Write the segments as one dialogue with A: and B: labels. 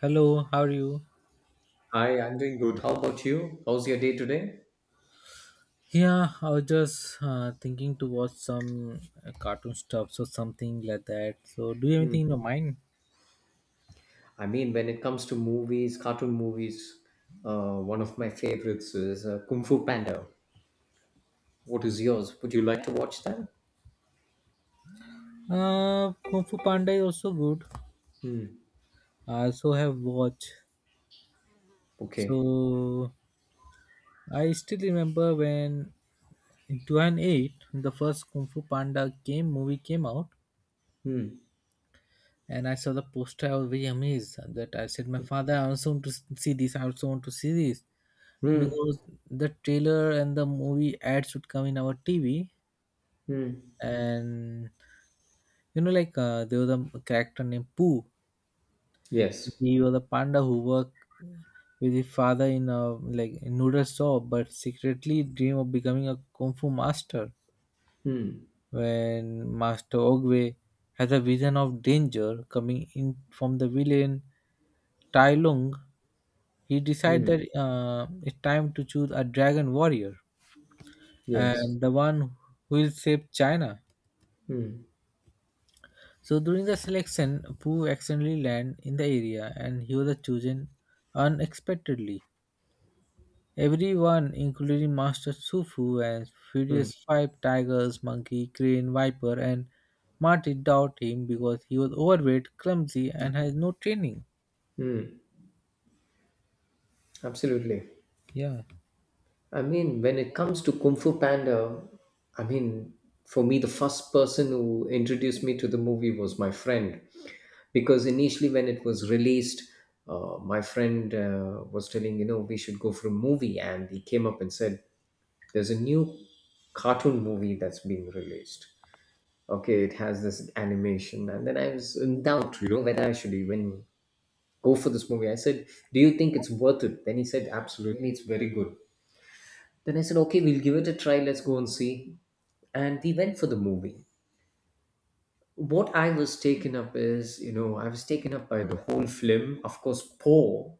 A: Hello, how are you?
B: Hi, I'm doing good. How about you? How's your day today?
A: Yeah, I was just thinking to watch some cartoon stuffs or something like that. So, do you have
B: Hmm.
A: anything in your mind?
B: I mean, when it comes to movies, cartoon movies, one of my favorites is Kung Fu Panda. What is yours? Would you like to watch that?
A: Kung Fu Panda is also good.
B: Hmm.
A: I also have watched.
B: Okay.
A: So, I still remember when in 2008 the first Kung Fu Panda game movie came out,
B: Hmm.
A: and I saw the poster. I was very amazed that I said, "My father, I also want to see this. I also want to see this."
B: Hmm.
A: Because the trailer and the movie ads would come in our TV,
B: Hmm.
A: and like there was a character named Pooh.
B: Yes.
A: He was a panda who worked with his father in a like noodle shop, but secretly dream of becoming a kung fu master.
B: Hmm.
A: When Master Ogwe has a vision of danger coming in from the villain Tai Lung, he decides
B: Hmm.
A: that it's time to choose a dragon warrior
B: Yes.
A: and the one who will save China.
B: Hmm.
A: So during the selection, Pooh accidentally land in the area and he was chosen unexpectedly. Everyone, including Master Sufu and
B: Hmm.
A: Furious Five Tigers, Monkey, Crane, Viper, and Marty, doubt him because he was overweight, clumsy, and has no training.
B: Hmm. Absolutely.
A: Yeah.
B: I mean, when it comes to Kung Fu Panda, I mean, for me, the first person who introduced me to the movie was my friend. Because initially, when it was released, my friend was telling, you know, we should go for a movie. And he came up and said, there's a new cartoon movie that's being released. Okay, it has this animation. And then I was in doubt, you know, whether I should even go for this movie. I said, do you think it's worth it? Then he said, absolutely, it's very good. Then I said, okay, we'll give it a try. Let's go and see. And we went for the movie. What I was taken up is, you know, I was taken up by the whole film. Of course, Poe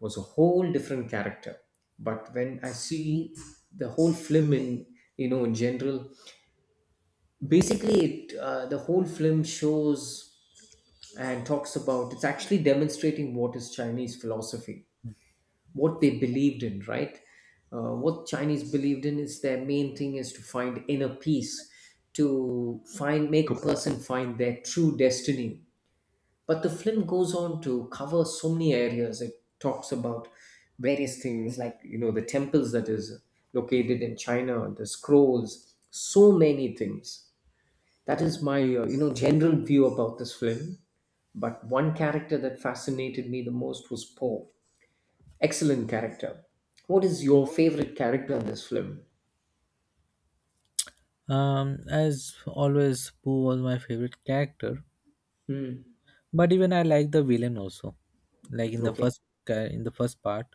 B: was a whole different character. But when I see the whole film in, you know, in general, basically it, the whole film shows and talks about, it's actually demonstrating what is Chinese philosophy, what they believed in, right? What Chinese believed in is their main thing is to find inner peace, to find make a person find their true destiny. But the film goes on to cover so many areas. It talks about various things like, you know, the temples that is located in China, the scrolls, so many things. That is my you know general view about this film. But one character that fascinated me the most was Po. Excellent character. What is your favorite character in this film?
A: As always, Pooh was my favorite character,
B: Hmm.
A: but even I like the villain also. Like in the
B: Okay.
A: first in the first part,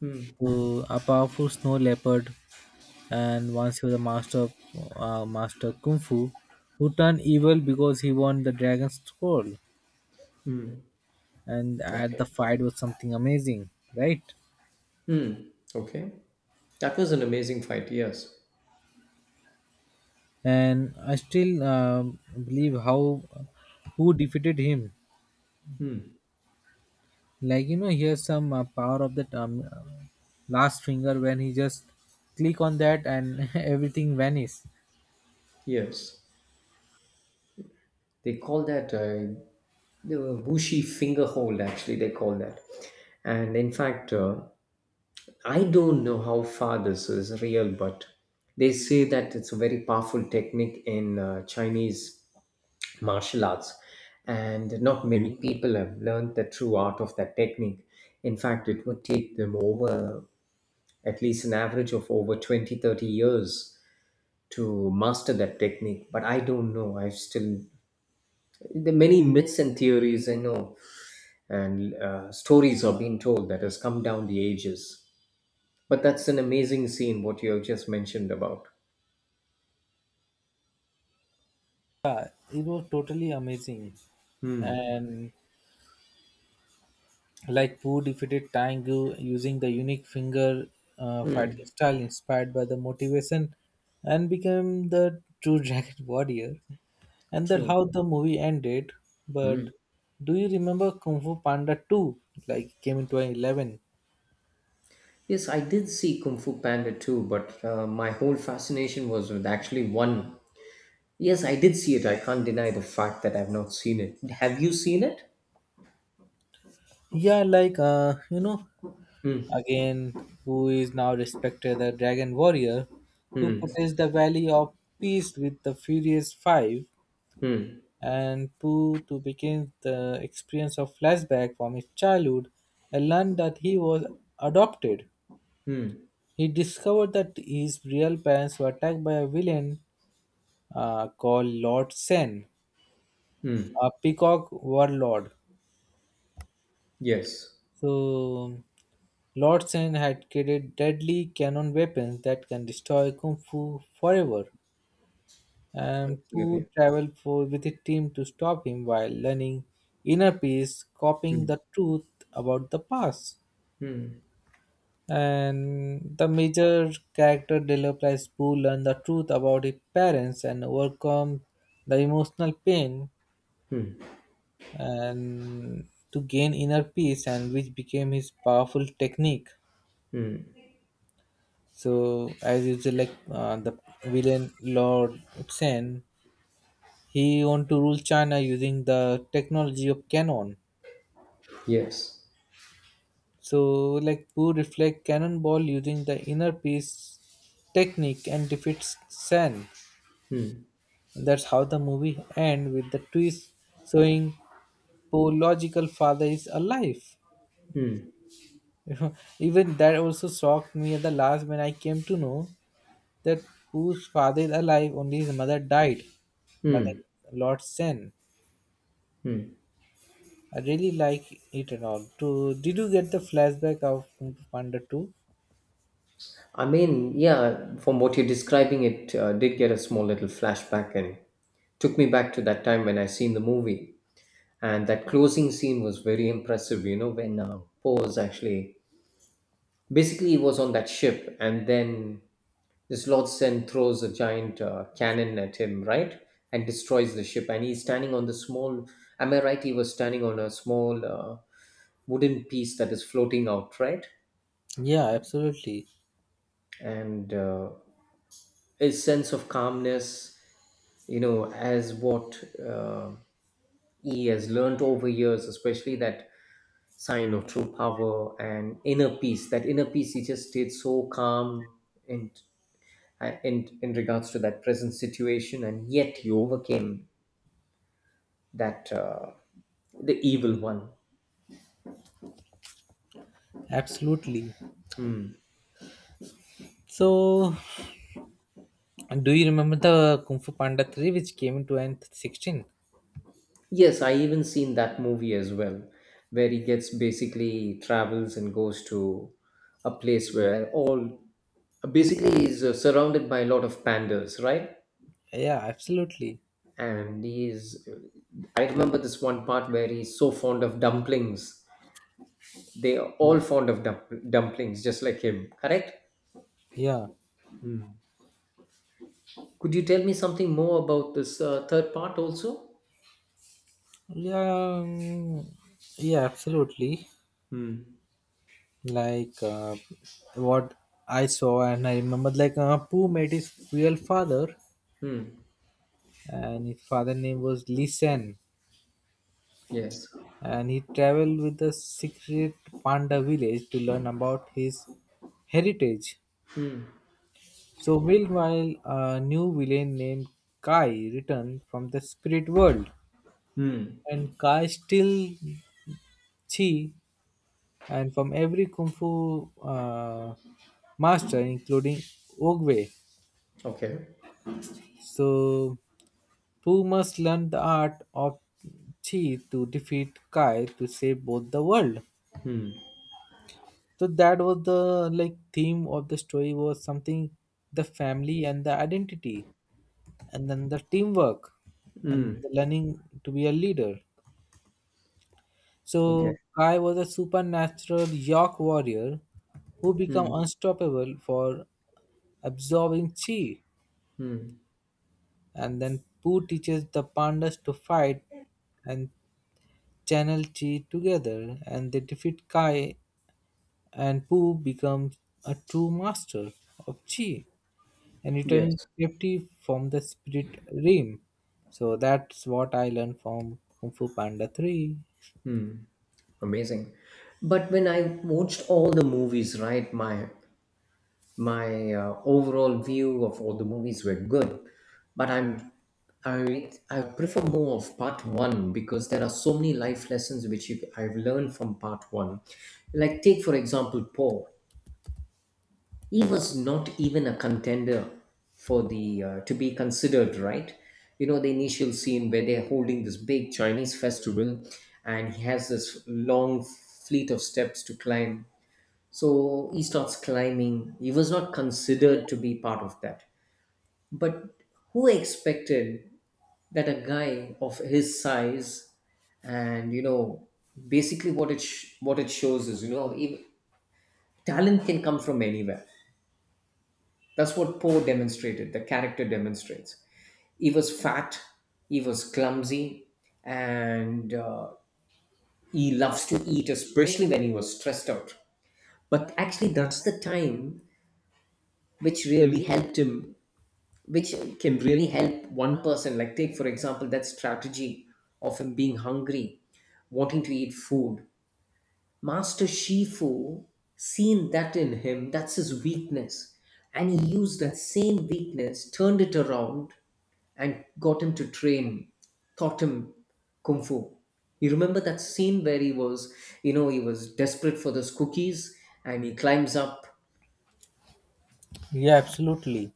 B: Hmm.
A: to a powerful snow leopard, and once he was a master of master kung fu, who turned evil because he won the dragon scroll. And at the
B: Okay.
A: fight was something amazing, right?
B: Hmm. Okay. That was an amazing fight. Yes.
A: And I still believe how who defeated him.
B: Hmm.
A: Like you know, here's some power of that last finger when he just click on that and everything vanishes.
B: Yes. They call that the Wushi finger hold. Actually, they call that. And in fact, I don't know how far this is real, but they say that it's a very powerful technique in Chinese martial arts, and not many people have learned the true art of that technique. In fact, it would take them over at least an average of over 20, 30 years to master that technique. But I don't know, I've still, there are many myths and theories, I know, and stories are being told that has come down the ages. But that's an amazing scene what you have just mentioned about.
A: It was totally amazing,
B: Hmm.
A: and like Wu defeated Tang Tangu using the unique finger fighting style inspired by the motivation and became the true dragon warrior. And that
B: True.
A: how the movie ended. But do you remember Kung Fu Panda 2? Like came in 2011.
B: Yes, I did see Kung Fu Panda too, but my whole fascination was with actually one. Yes, I did see it. I can't deny the fact that I've not seen it. Have you seen it?
A: Yeah, like
B: Hmm.
A: again, who is now respected the dragon warrior who
B: Hmm.
A: protects the valley of peace with the Furious Five
B: Hmm.
A: and Pooh to begin the experience of flashback from his childhood and learned that he was adopted.
B: Hmm.
A: He discovered that his real parents were attacked by a villain called Lord Sen,
B: Hmm.
A: a peacock warlord.
B: Yes.
A: So, Lord Sen had created deadly cannon weapons that can destroy Kung Fu forever. And Pooh
B: Absolutely.
A: traveled for, with his team to stop him while learning inner peace, copying the
B: Hmm.
A: truth about the past.
B: Hmm.
A: And the major character develops Boo learn the truth about his parents and overcome the emotional pain and to gain inner peace and which became his powerful technique. So as usual the villain Lord Sen, he want to rule China using the technology of canon.
B: Yes.
A: So like Boo reflect cannonball using the inner peace technique and defeats Sen.
B: Hmm.
A: That's how the movie ends with the twist showing biological father is alive.
B: Hmm.
A: You know, even that also shocked me at the last when I came to know that whose father is alive, only his mother died. Mother
B: Hmm.
A: Lord Sen.
B: Hmm.
A: I really like it and all. To did you get the flashback of Kung Fu Panda 2?
B: I mean, yeah, from what you're describing, it did get a small little flashback and took me back to that time when I seen the movie. And that closing scene was very impressive, you know, when Pose actually basically he was on that ship, and then this Lord Sen throws a giant cannon at him, right, and destroys the ship, and he's standing on the small, am I right, he was standing on a small wooden piece that is floating out, right?
A: Yeah, absolutely.
B: And his sense of calmness, you know, as what, uh, he has learned over years, especially that sign of true power and inner peace. That inner peace, he just stayed so calm in, in regards to that present situation, and yet he overcame that, the evil one.
A: Absolutely. So do you remember the Kung Fu Panda 3 which came in 2016?
B: Yes, I even seen that movie as well, where he gets basically travels and goes to a place where all basically he's surrounded by a lot of pandas, right?
A: Yeah, absolutely.
B: And he's, I remember this one part where he's so fond of dumplings. They are
A: Yeah.
B: all fond of dumplings, just like him, correct?
A: Yeah,
B: Hmm. Could you tell me something more about this third part also?
A: yeah, um, yeah, absolutely.
B: Hmm.
A: Like what I saw, and I remember, like Pooh met his real father,
B: Hmm.
A: and his father name was Lee Sen,
B: Yes.
A: and he traveled with the secret panda village to learn about his heritage. So meanwhile, a new villain named Kai returned from the spirit world,
B: Hmm.
A: and Kai still Chi and from every kung fu master, including Ogwe.
B: Okay.
A: So Pooh must learn the art of Chi to defeat Kai to save both the world.
B: Hmm.
A: So that was the like theme of the story was something the family and the identity and then the teamwork and
B: Hmm.
A: the learning to be a leader.
B: Okay.
A: So Kai was a supernatural York warrior who become
B: Hmm.
A: unstoppable for absorbing chi.
B: Hmm.
A: And then Pooh teaches the pandas to fight and channel chi together and they defeat Kai and Pooh becomes a true master of chi and returning
B: Yes.
A: safety from the spirit realm. So that's what I learned from Kung Fu Panda 3.
B: Amazing. But when I watched all the movies, right, my overall view of all the movies were good, but I prefer more of part one, because there are so many life lessons which you, I've learned from part one. Like take for example Paul, he was not even a contender for the, to be considered, right? You know the initial scene where they're holding this big Chinese festival, and he has this long fleet of steps to climb, so he starts climbing. He was not considered to be part of that. But who expected that a guy of his size, and, you know, basically what it what it shows is, you know, talent can come from anywhere. That's what Poe demonstrated. The character demonstrates. He was fat. He was clumsy, and he loves to eat, especially when he was stressed out. But actually, that's the time which really helped him, which can really help one person. Like take for example that strategy of him being hungry, wanting to eat food, Master Shifu seen that in him, that's his weakness, and he used that same weakness, turned it around, and got him to train, taught him kung fu. You remember that scene where he was, you know, he was desperate for those cookies and he climbs up.
A: Yeah, absolutely.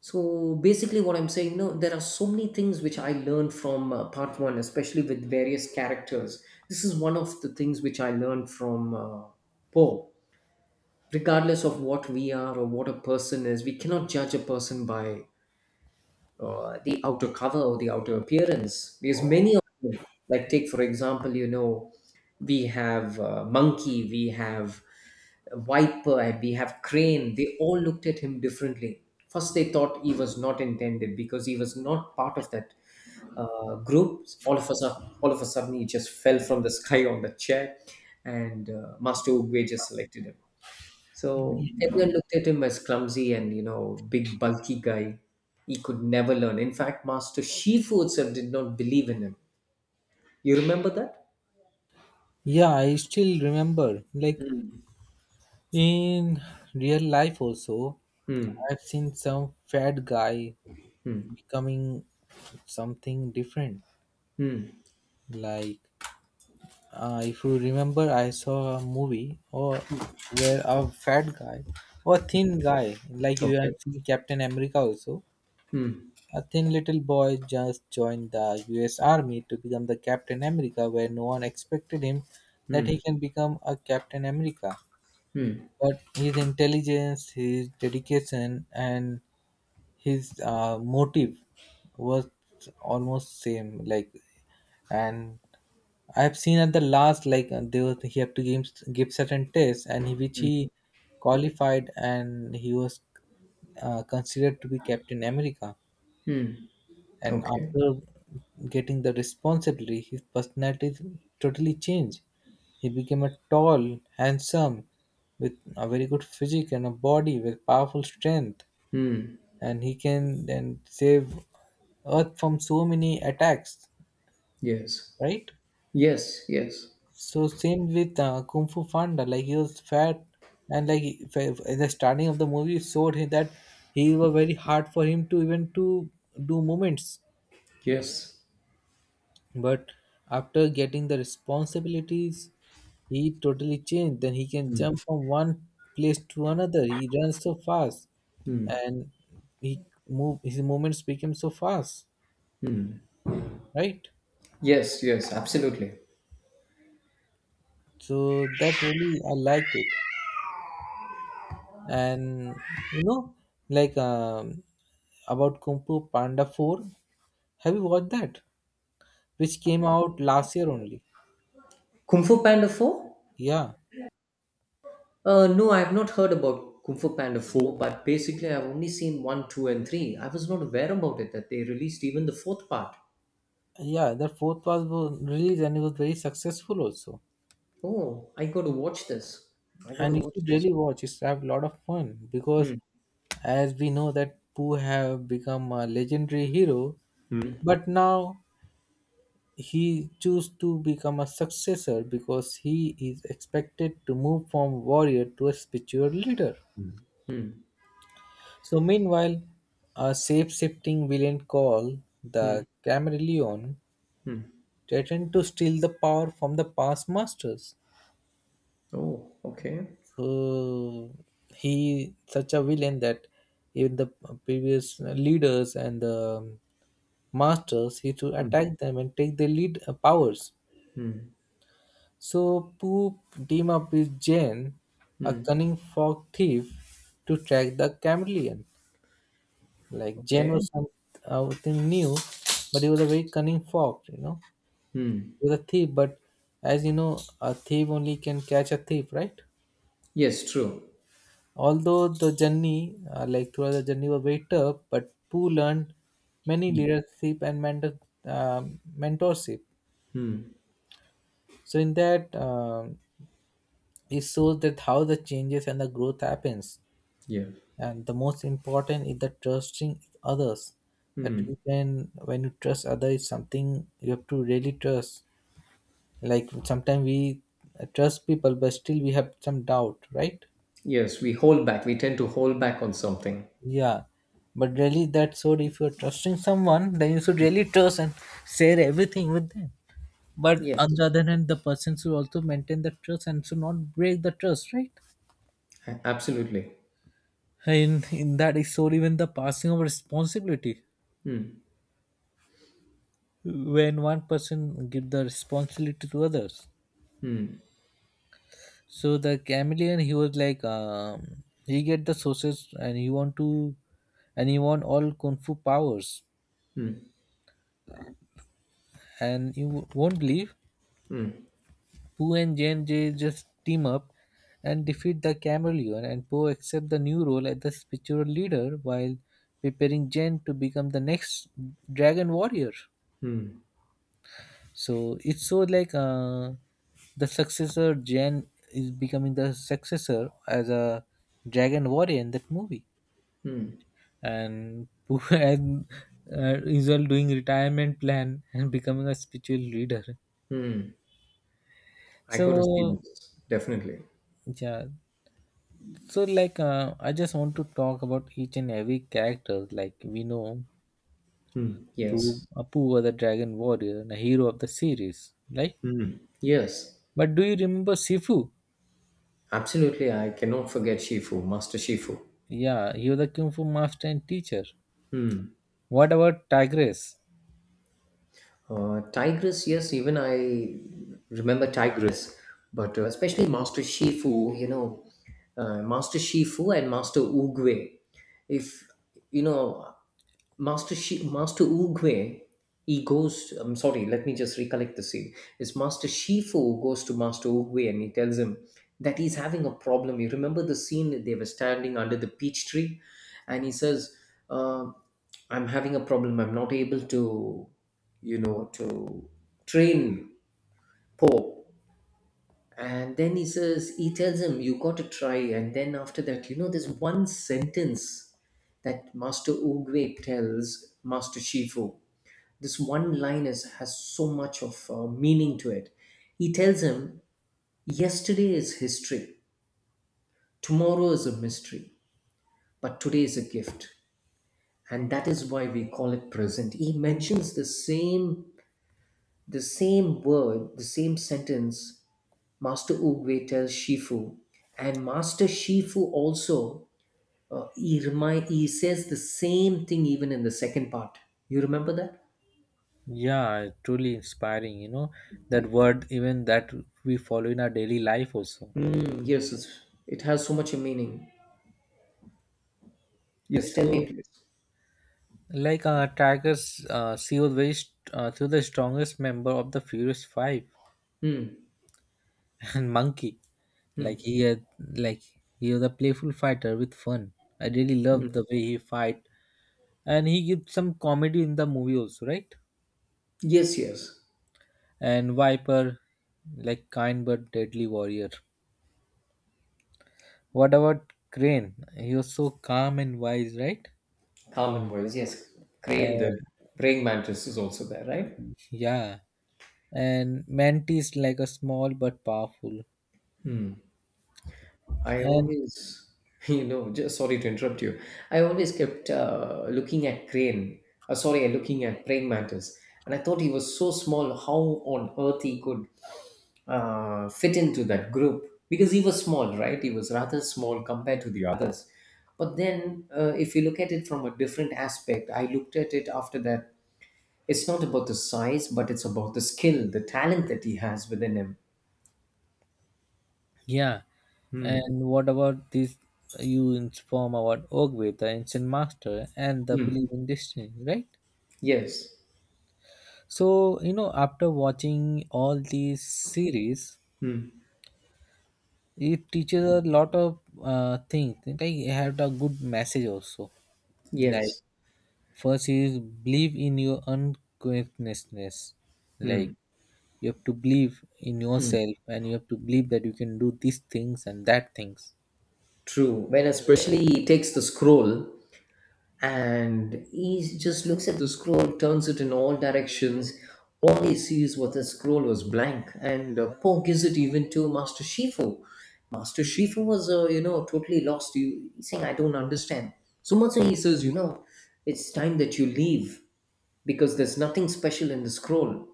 B: So basically, what I'm saying, no, there are so many things which I learned from part one, especially with various characters. This is one of the things which I learned from Poe. Regardless of what we are or what a person is, we cannot judge a person by, the outer cover or the outer appearance. There's many of them. Like take for example, you know, we have monkey, we have Viper, and we have Crane. They all looked at him differently. First, they thought he was not intended because he was not part of that group. All of a sudden, he just fell from the sky on the chair, and Master Uguay just selected him. So everyone looked at him as clumsy and, you know, big bulky guy. He could never learn. In fact, Master Shifu itself did not believe in him. You remember that?
A: Yeah, I still remember. Like
B: Hmm.
A: in real life, also,
B: Hmm.
A: I've seen some fat guy
B: Hmm.
A: becoming something different.
B: Hmm.
A: Like if you remember, I saw a movie or
B: Hmm.
A: where a fat guy or thin guy, like you have
B: Okay.
A: seen Captain America also,
B: Hmm.
A: a thin little boy just joined the U.S. Army to become the Captain America, where no one expected him that he
B: Hmm.
A: can become a Captain America.
B: Hmm.
A: But his intelligence, his dedication, and his motive was almost same. Like and I've seen at the last like they was he had to give, give certain tests and he, which
B: Hmm.
A: he qualified and he was considered to be Captain America.
B: Hmm.
A: And
B: Okay.
A: after getting the responsibility, his personality totally changed. He became a tall, handsome, with a very good physique and a body with powerful strength,
B: Hmm.
A: and he can then save Earth from so many attacks.
B: Yes.
A: Right?
B: Yes. Yes.
A: So same with Kung Fu Panda, like he was fat, and like in the starting of the movie it showed him that he was very hard for him to even to do movements.
B: Yes.
A: But after getting the responsibilities, he totally changed. Then he can jump from one place to another. He runs so fast, and he move his movements became so fast, right?
B: Yes. Yes. Absolutely.
A: So that really I liked it. And you know like um, about Kung Fu Panda 4, have you watched that which came out last year only?
B: Kung Fu Panda Four.
A: yeah
B: No, I have not heard about Kung Fu Panda 4, but basically I've only seen 1, 2, and 3. I was not aware about it that they released even the fourth part.
A: yeah, the fourth was released and it was very successful also.
B: Oh, I got to watch this. I got to
A: And you
B: watch
A: should
B: this.
A: really watch it's have a lot of fun because
B: Hmm.
A: as we know that Pooh have become a legendary hero,
B: Hmm.
A: but now he choose to become a successor because he is expected to move from warrior to a spiritual leader.
B: Hmm.
A: So meanwhile, a shape-shifting villain called
B: Hmm.
A: the Camerillion
B: Hmm.
A: threatened to steal the power from the past masters.
B: Oh, okay.
A: So he such a villain that even the previous leaders and the masters he to
B: Hmm.
A: attack them and take their lead powers. So Pooh team up with Jane, a
B: Hmm.
A: cunning fog thief, to track the Camerillion. Like Jen
B: Okay.
A: was some, something new, but he was a very cunning fox, you know.
B: Hmm.
A: He was a thief, but as you know, a thief only can catch a thief, right?
B: Yes, true.
A: Although the journey, like throughout the journey, was very tough, but Pooh learned many
B: Hmm.
A: leadership and mentor, mentorship.
B: Hmm.
A: So in that, it shows that how the changes and the growth happens.
B: Yeah.
A: And the most important is the trusting others. That
B: Hmm.
A: you can, when you trust others, it's something you have to really trust. Like sometimes we trust people, but still we have some doubt, right?
B: Yes, we hold back. We tend to hold back on something.
A: Yeah, but really that's so. If you're trusting someone, then you should really trust and share everything with them. But on the
B: Yes,
A: other hand, the person should also maintain the trust and should not break the trust, right?
B: absolutely.
A: And in that is so even the passing of responsibility.
B: Hmm.
A: When one person give the responsibility to others, so the chameleon, he was like, he get the sources and he want to, and he want all kung fu powers.
B: Hmm.
A: And you won't believe,
B: Hmm.
A: Pooh and Jen they just team up and defeat the chameleon. And Pooh accept the new role as the spiritual leader while preparing Jen to become the next dragon warrior. So it's so like the successor Jen is becoming the successor as a dragon warrior in that movie. And and usual doing retirement plan and becoming a spiritual leader.
B: I got to see
A: So
B: this. Definitely.
A: yeah, so like I just want to talk about each and every character, like we know
B: Hmm,
A: through
B: yes.
A: Apu the dragon warrior and a hero of the series, like
B: Yes,
A: but do you remember Sifu?
B: absolutely. I cannot forget Shifu, Master Shifu.
A: Yeah, he was a kung fu master and teacher. What about Tigress?
B: Tigress, yes, even I remember Tigress, but especially Master Shifu, you know, Master Shifu and Master Oogway. If, you know, Master Uguay, he goes. I'm sorry. Let me just recollect the scene. It's Master Shifu goes to Master Uguay and he tells him that he's having a problem. You remember the scene that they were standing under the peach tree, and he says, uh, "I'm having a problem. I'm not able to, you know, to train Po." And then he says, he tells him, "You got to try." And then after that, you know, there's one sentence that Master Uguay tells Master Shifu, this one line is has so much of meaning to it. He tells him, yesterday is history, tomorrow is a mystery, but today is a gift, and that is why we call it present. He mentions the same word, the same sentence, Master Uwe tells Shifu. And Master Shifu also, he says the same thing even in the second part. You remember that?
A: Yeah, truly inspiring, you know, that word, even that we follow in our daily life also.
B: Mm, yes, it's, it has so much a meaning. Yes, tell
A: So
B: me, please.
A: like tigers, she was very she the strongest member of the Furious Five,
B: Hmm.
A: and monkey.
B: Hmm.
A: Like he had, like he was a playful fighter with fun. I really love the way he fight, and he gives some comedy in the movie also, right?
B: Yes, yes.
A: And Viper, like kind but deadly warrior. What about Crane? He was so calm and wise, right?
B: Common voice, yes. Crane,
A: And
B: the praying mantis is also there, right?
A: yeah, and Mantis like a small but powerful.
B: I
A: And
B: always you know, just sorry to interrupt you. I always kept looking at crane. Sorry, looking at praying mantis, and I thought he was so small. How on earth he could fit into that group? Because he was small, right? He was rather small compared to the others. But then, if you look at it from a different aspect, I looked at it after that. It's not about the size, but it's about the skill, the talent that he has within him.
A: yeah,
B: Hmm.
A: and what about this? You inform about Ogwe, the ancient master, and the
B: Hmm.
A: belief in destiny, right?
B: Yes.
A: So you know, after watching all these series,
B: Hmm.
A: it teaches a lot of things. Like it had a good message also. Like
B: Yes,
A: first is believe in your unquietness. Like you have to believe in yourself, and you have to believe that you can do these things and that things.
B: true. When especially he takes the scroll and he just looks at the scroll, turns it in all directions. All he sees was the scroll was blank, and Poe gives it even to Master Shifu. Master Shifu was, you know, totally lost. You he's saying, "I don't understand." So much so he says, "You know, it's time that you leave because there's nothing special in the scroll."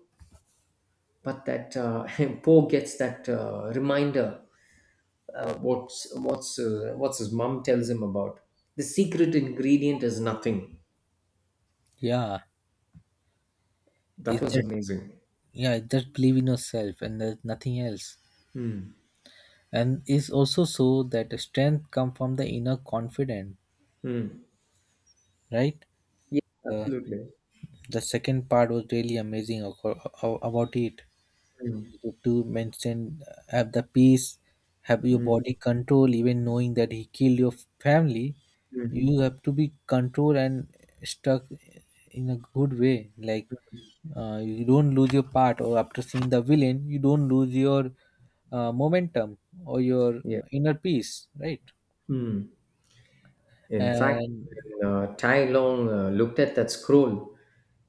B: But that Poe gets that reminder, what's his mom tells him about, the secret ingredient is nothing.
A: Yeah,
B: That
A: is
B: was
A: that
B: amazing.
A: yeah, just believe in yourself and there's nothing else.
B: Mm.
A: And it's also so that the strength come from the inner confidence,
B: Mm.
A: right?
B: Yeah,
A: uh,
B: absolutely.
A: the second part was really amazing about it
B: Mm.
A: to mention have the peace, have your
B: Mm.
A: body control even knowing that he killed your family.
B: Mm.
A: You have to be controlled and stuck in a good way, like you don't lose your part or after seeing the villain you don't lose your momentum or your
B: Yeah.
A: inner peace, right?
B: Mm. In fact,
A: And
B: when Tai Long looked at that scroll,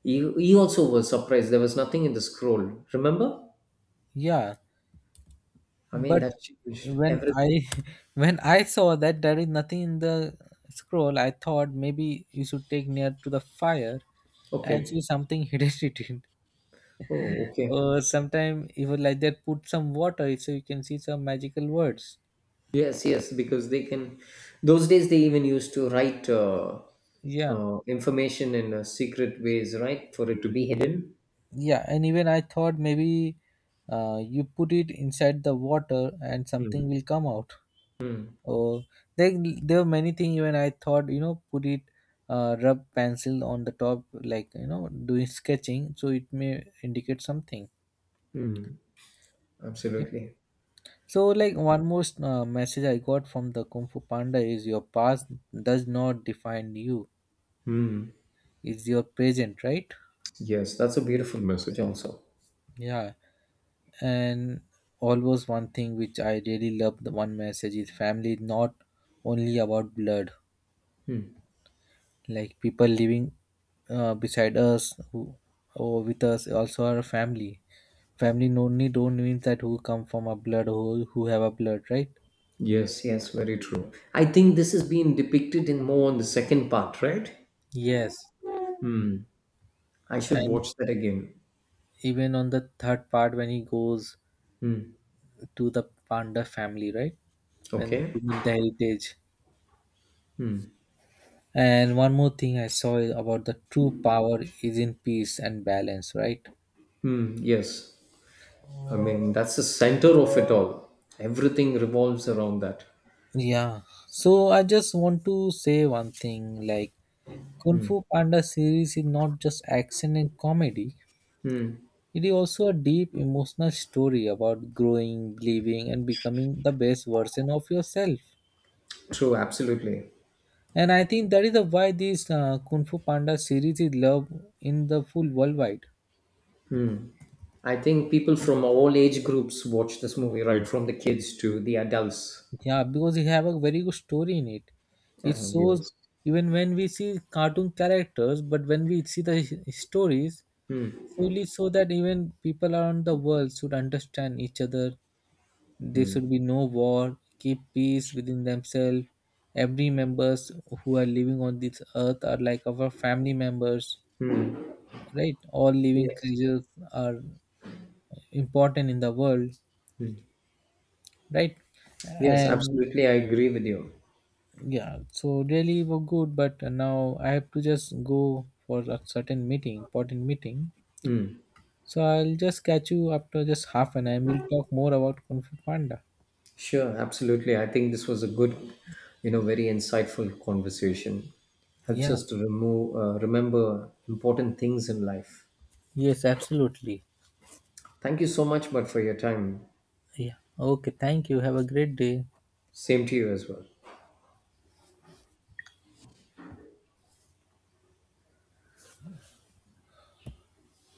B: he also was surprised. There was nothing in the scroll. Remember?
A: yeah.
B: I mean,
A: But
B: that changed
A: when
B: everything.
A: I when I saw that there is nothing in the scroll, I thought maybe you should take near to the fire and see
B: Okay.
A: something hidden it in.
B: Oh, okay.
A: Or sometime even like that, put some water so you can see some magical words.
B: Yes, yes, because they can. Those days, they even used to write
A: Yeah,
B: information in secret ways, right, for it to be hidden.
A: yeah, and even I thought maybe you put it inside the water and something
B: Mm.
A: will come out. Oh, there, there were many things even I thought, you know, put it, rub pencil on the top, like, you know, doing sketching, so it may indicate something.
B: Mm.
A: Yep.
B: Absolutely.
A: So, like, one more message I got from the Kung Fu Panda is your past does not define you,
B: Mm.
A: it's your present, right?
B: Yes, that's a beautiful message, also.
A: Yeah. And always one thing which I really love, the one message is family is not only about blood, like people living beside us who or with us also our family. Family only don't mean that who come from a blood or who have a blood, right?
B: Yes, yes, very true. I think this has been depicted in more on the second part, right?
A: Yes,
B: I should
A: and
B: watch that again.
A: even on the third part when he goes to the panda family, right, when
B: Okay.
A: to meet the heritage. And one more thing I saw is about the true power is in peace and balance, right?
B: Mm, yes. I mean, that's the center of it all. Everything revolves around that.
A: Yeah. So I just want to say one thing like Kung Fu Panda series is not just action and comedy, it is also a deep emotional story about growing, believing, and becoming the best version of yourself.
B: True, absolutely.
A: And I think that is the why this Kung Fu Panda series is loved in the full worldwide.
B: I think people from all age groups watch this movie, right? From the kids to the adults.
A: Yeah, because it have a very good story in it.
B: Yeah.
A: It shows
B: Yes.
A: even when we see cartoon characters, but when we see the stories, solely so that even people around the world should understand each other. There should be no war, keep peace within themselves. Every members who are living on this earth are like our family members, right? All living
B: Yes.
A: creatures are important in the world, right?
B: Yes,
A: And
B: absolutely. I agree with you.
A: yeah, so really were good, but now I have to just go for a certain meeting, important meeting. So I'll just catch you after just 1/2 an hour and we'll talk more about Kung Fu Panda.
B: Sure, absolutely. I think this was a good, you know, very insightful conversation. Helps
A: Yeah.
B: us to remove, remember important things in life.
A: Yes, absolutely.
B: Thank you so much, but for your time.
A: Yeah. Okay. Thank you. Have a great day.
B: Same to you as well.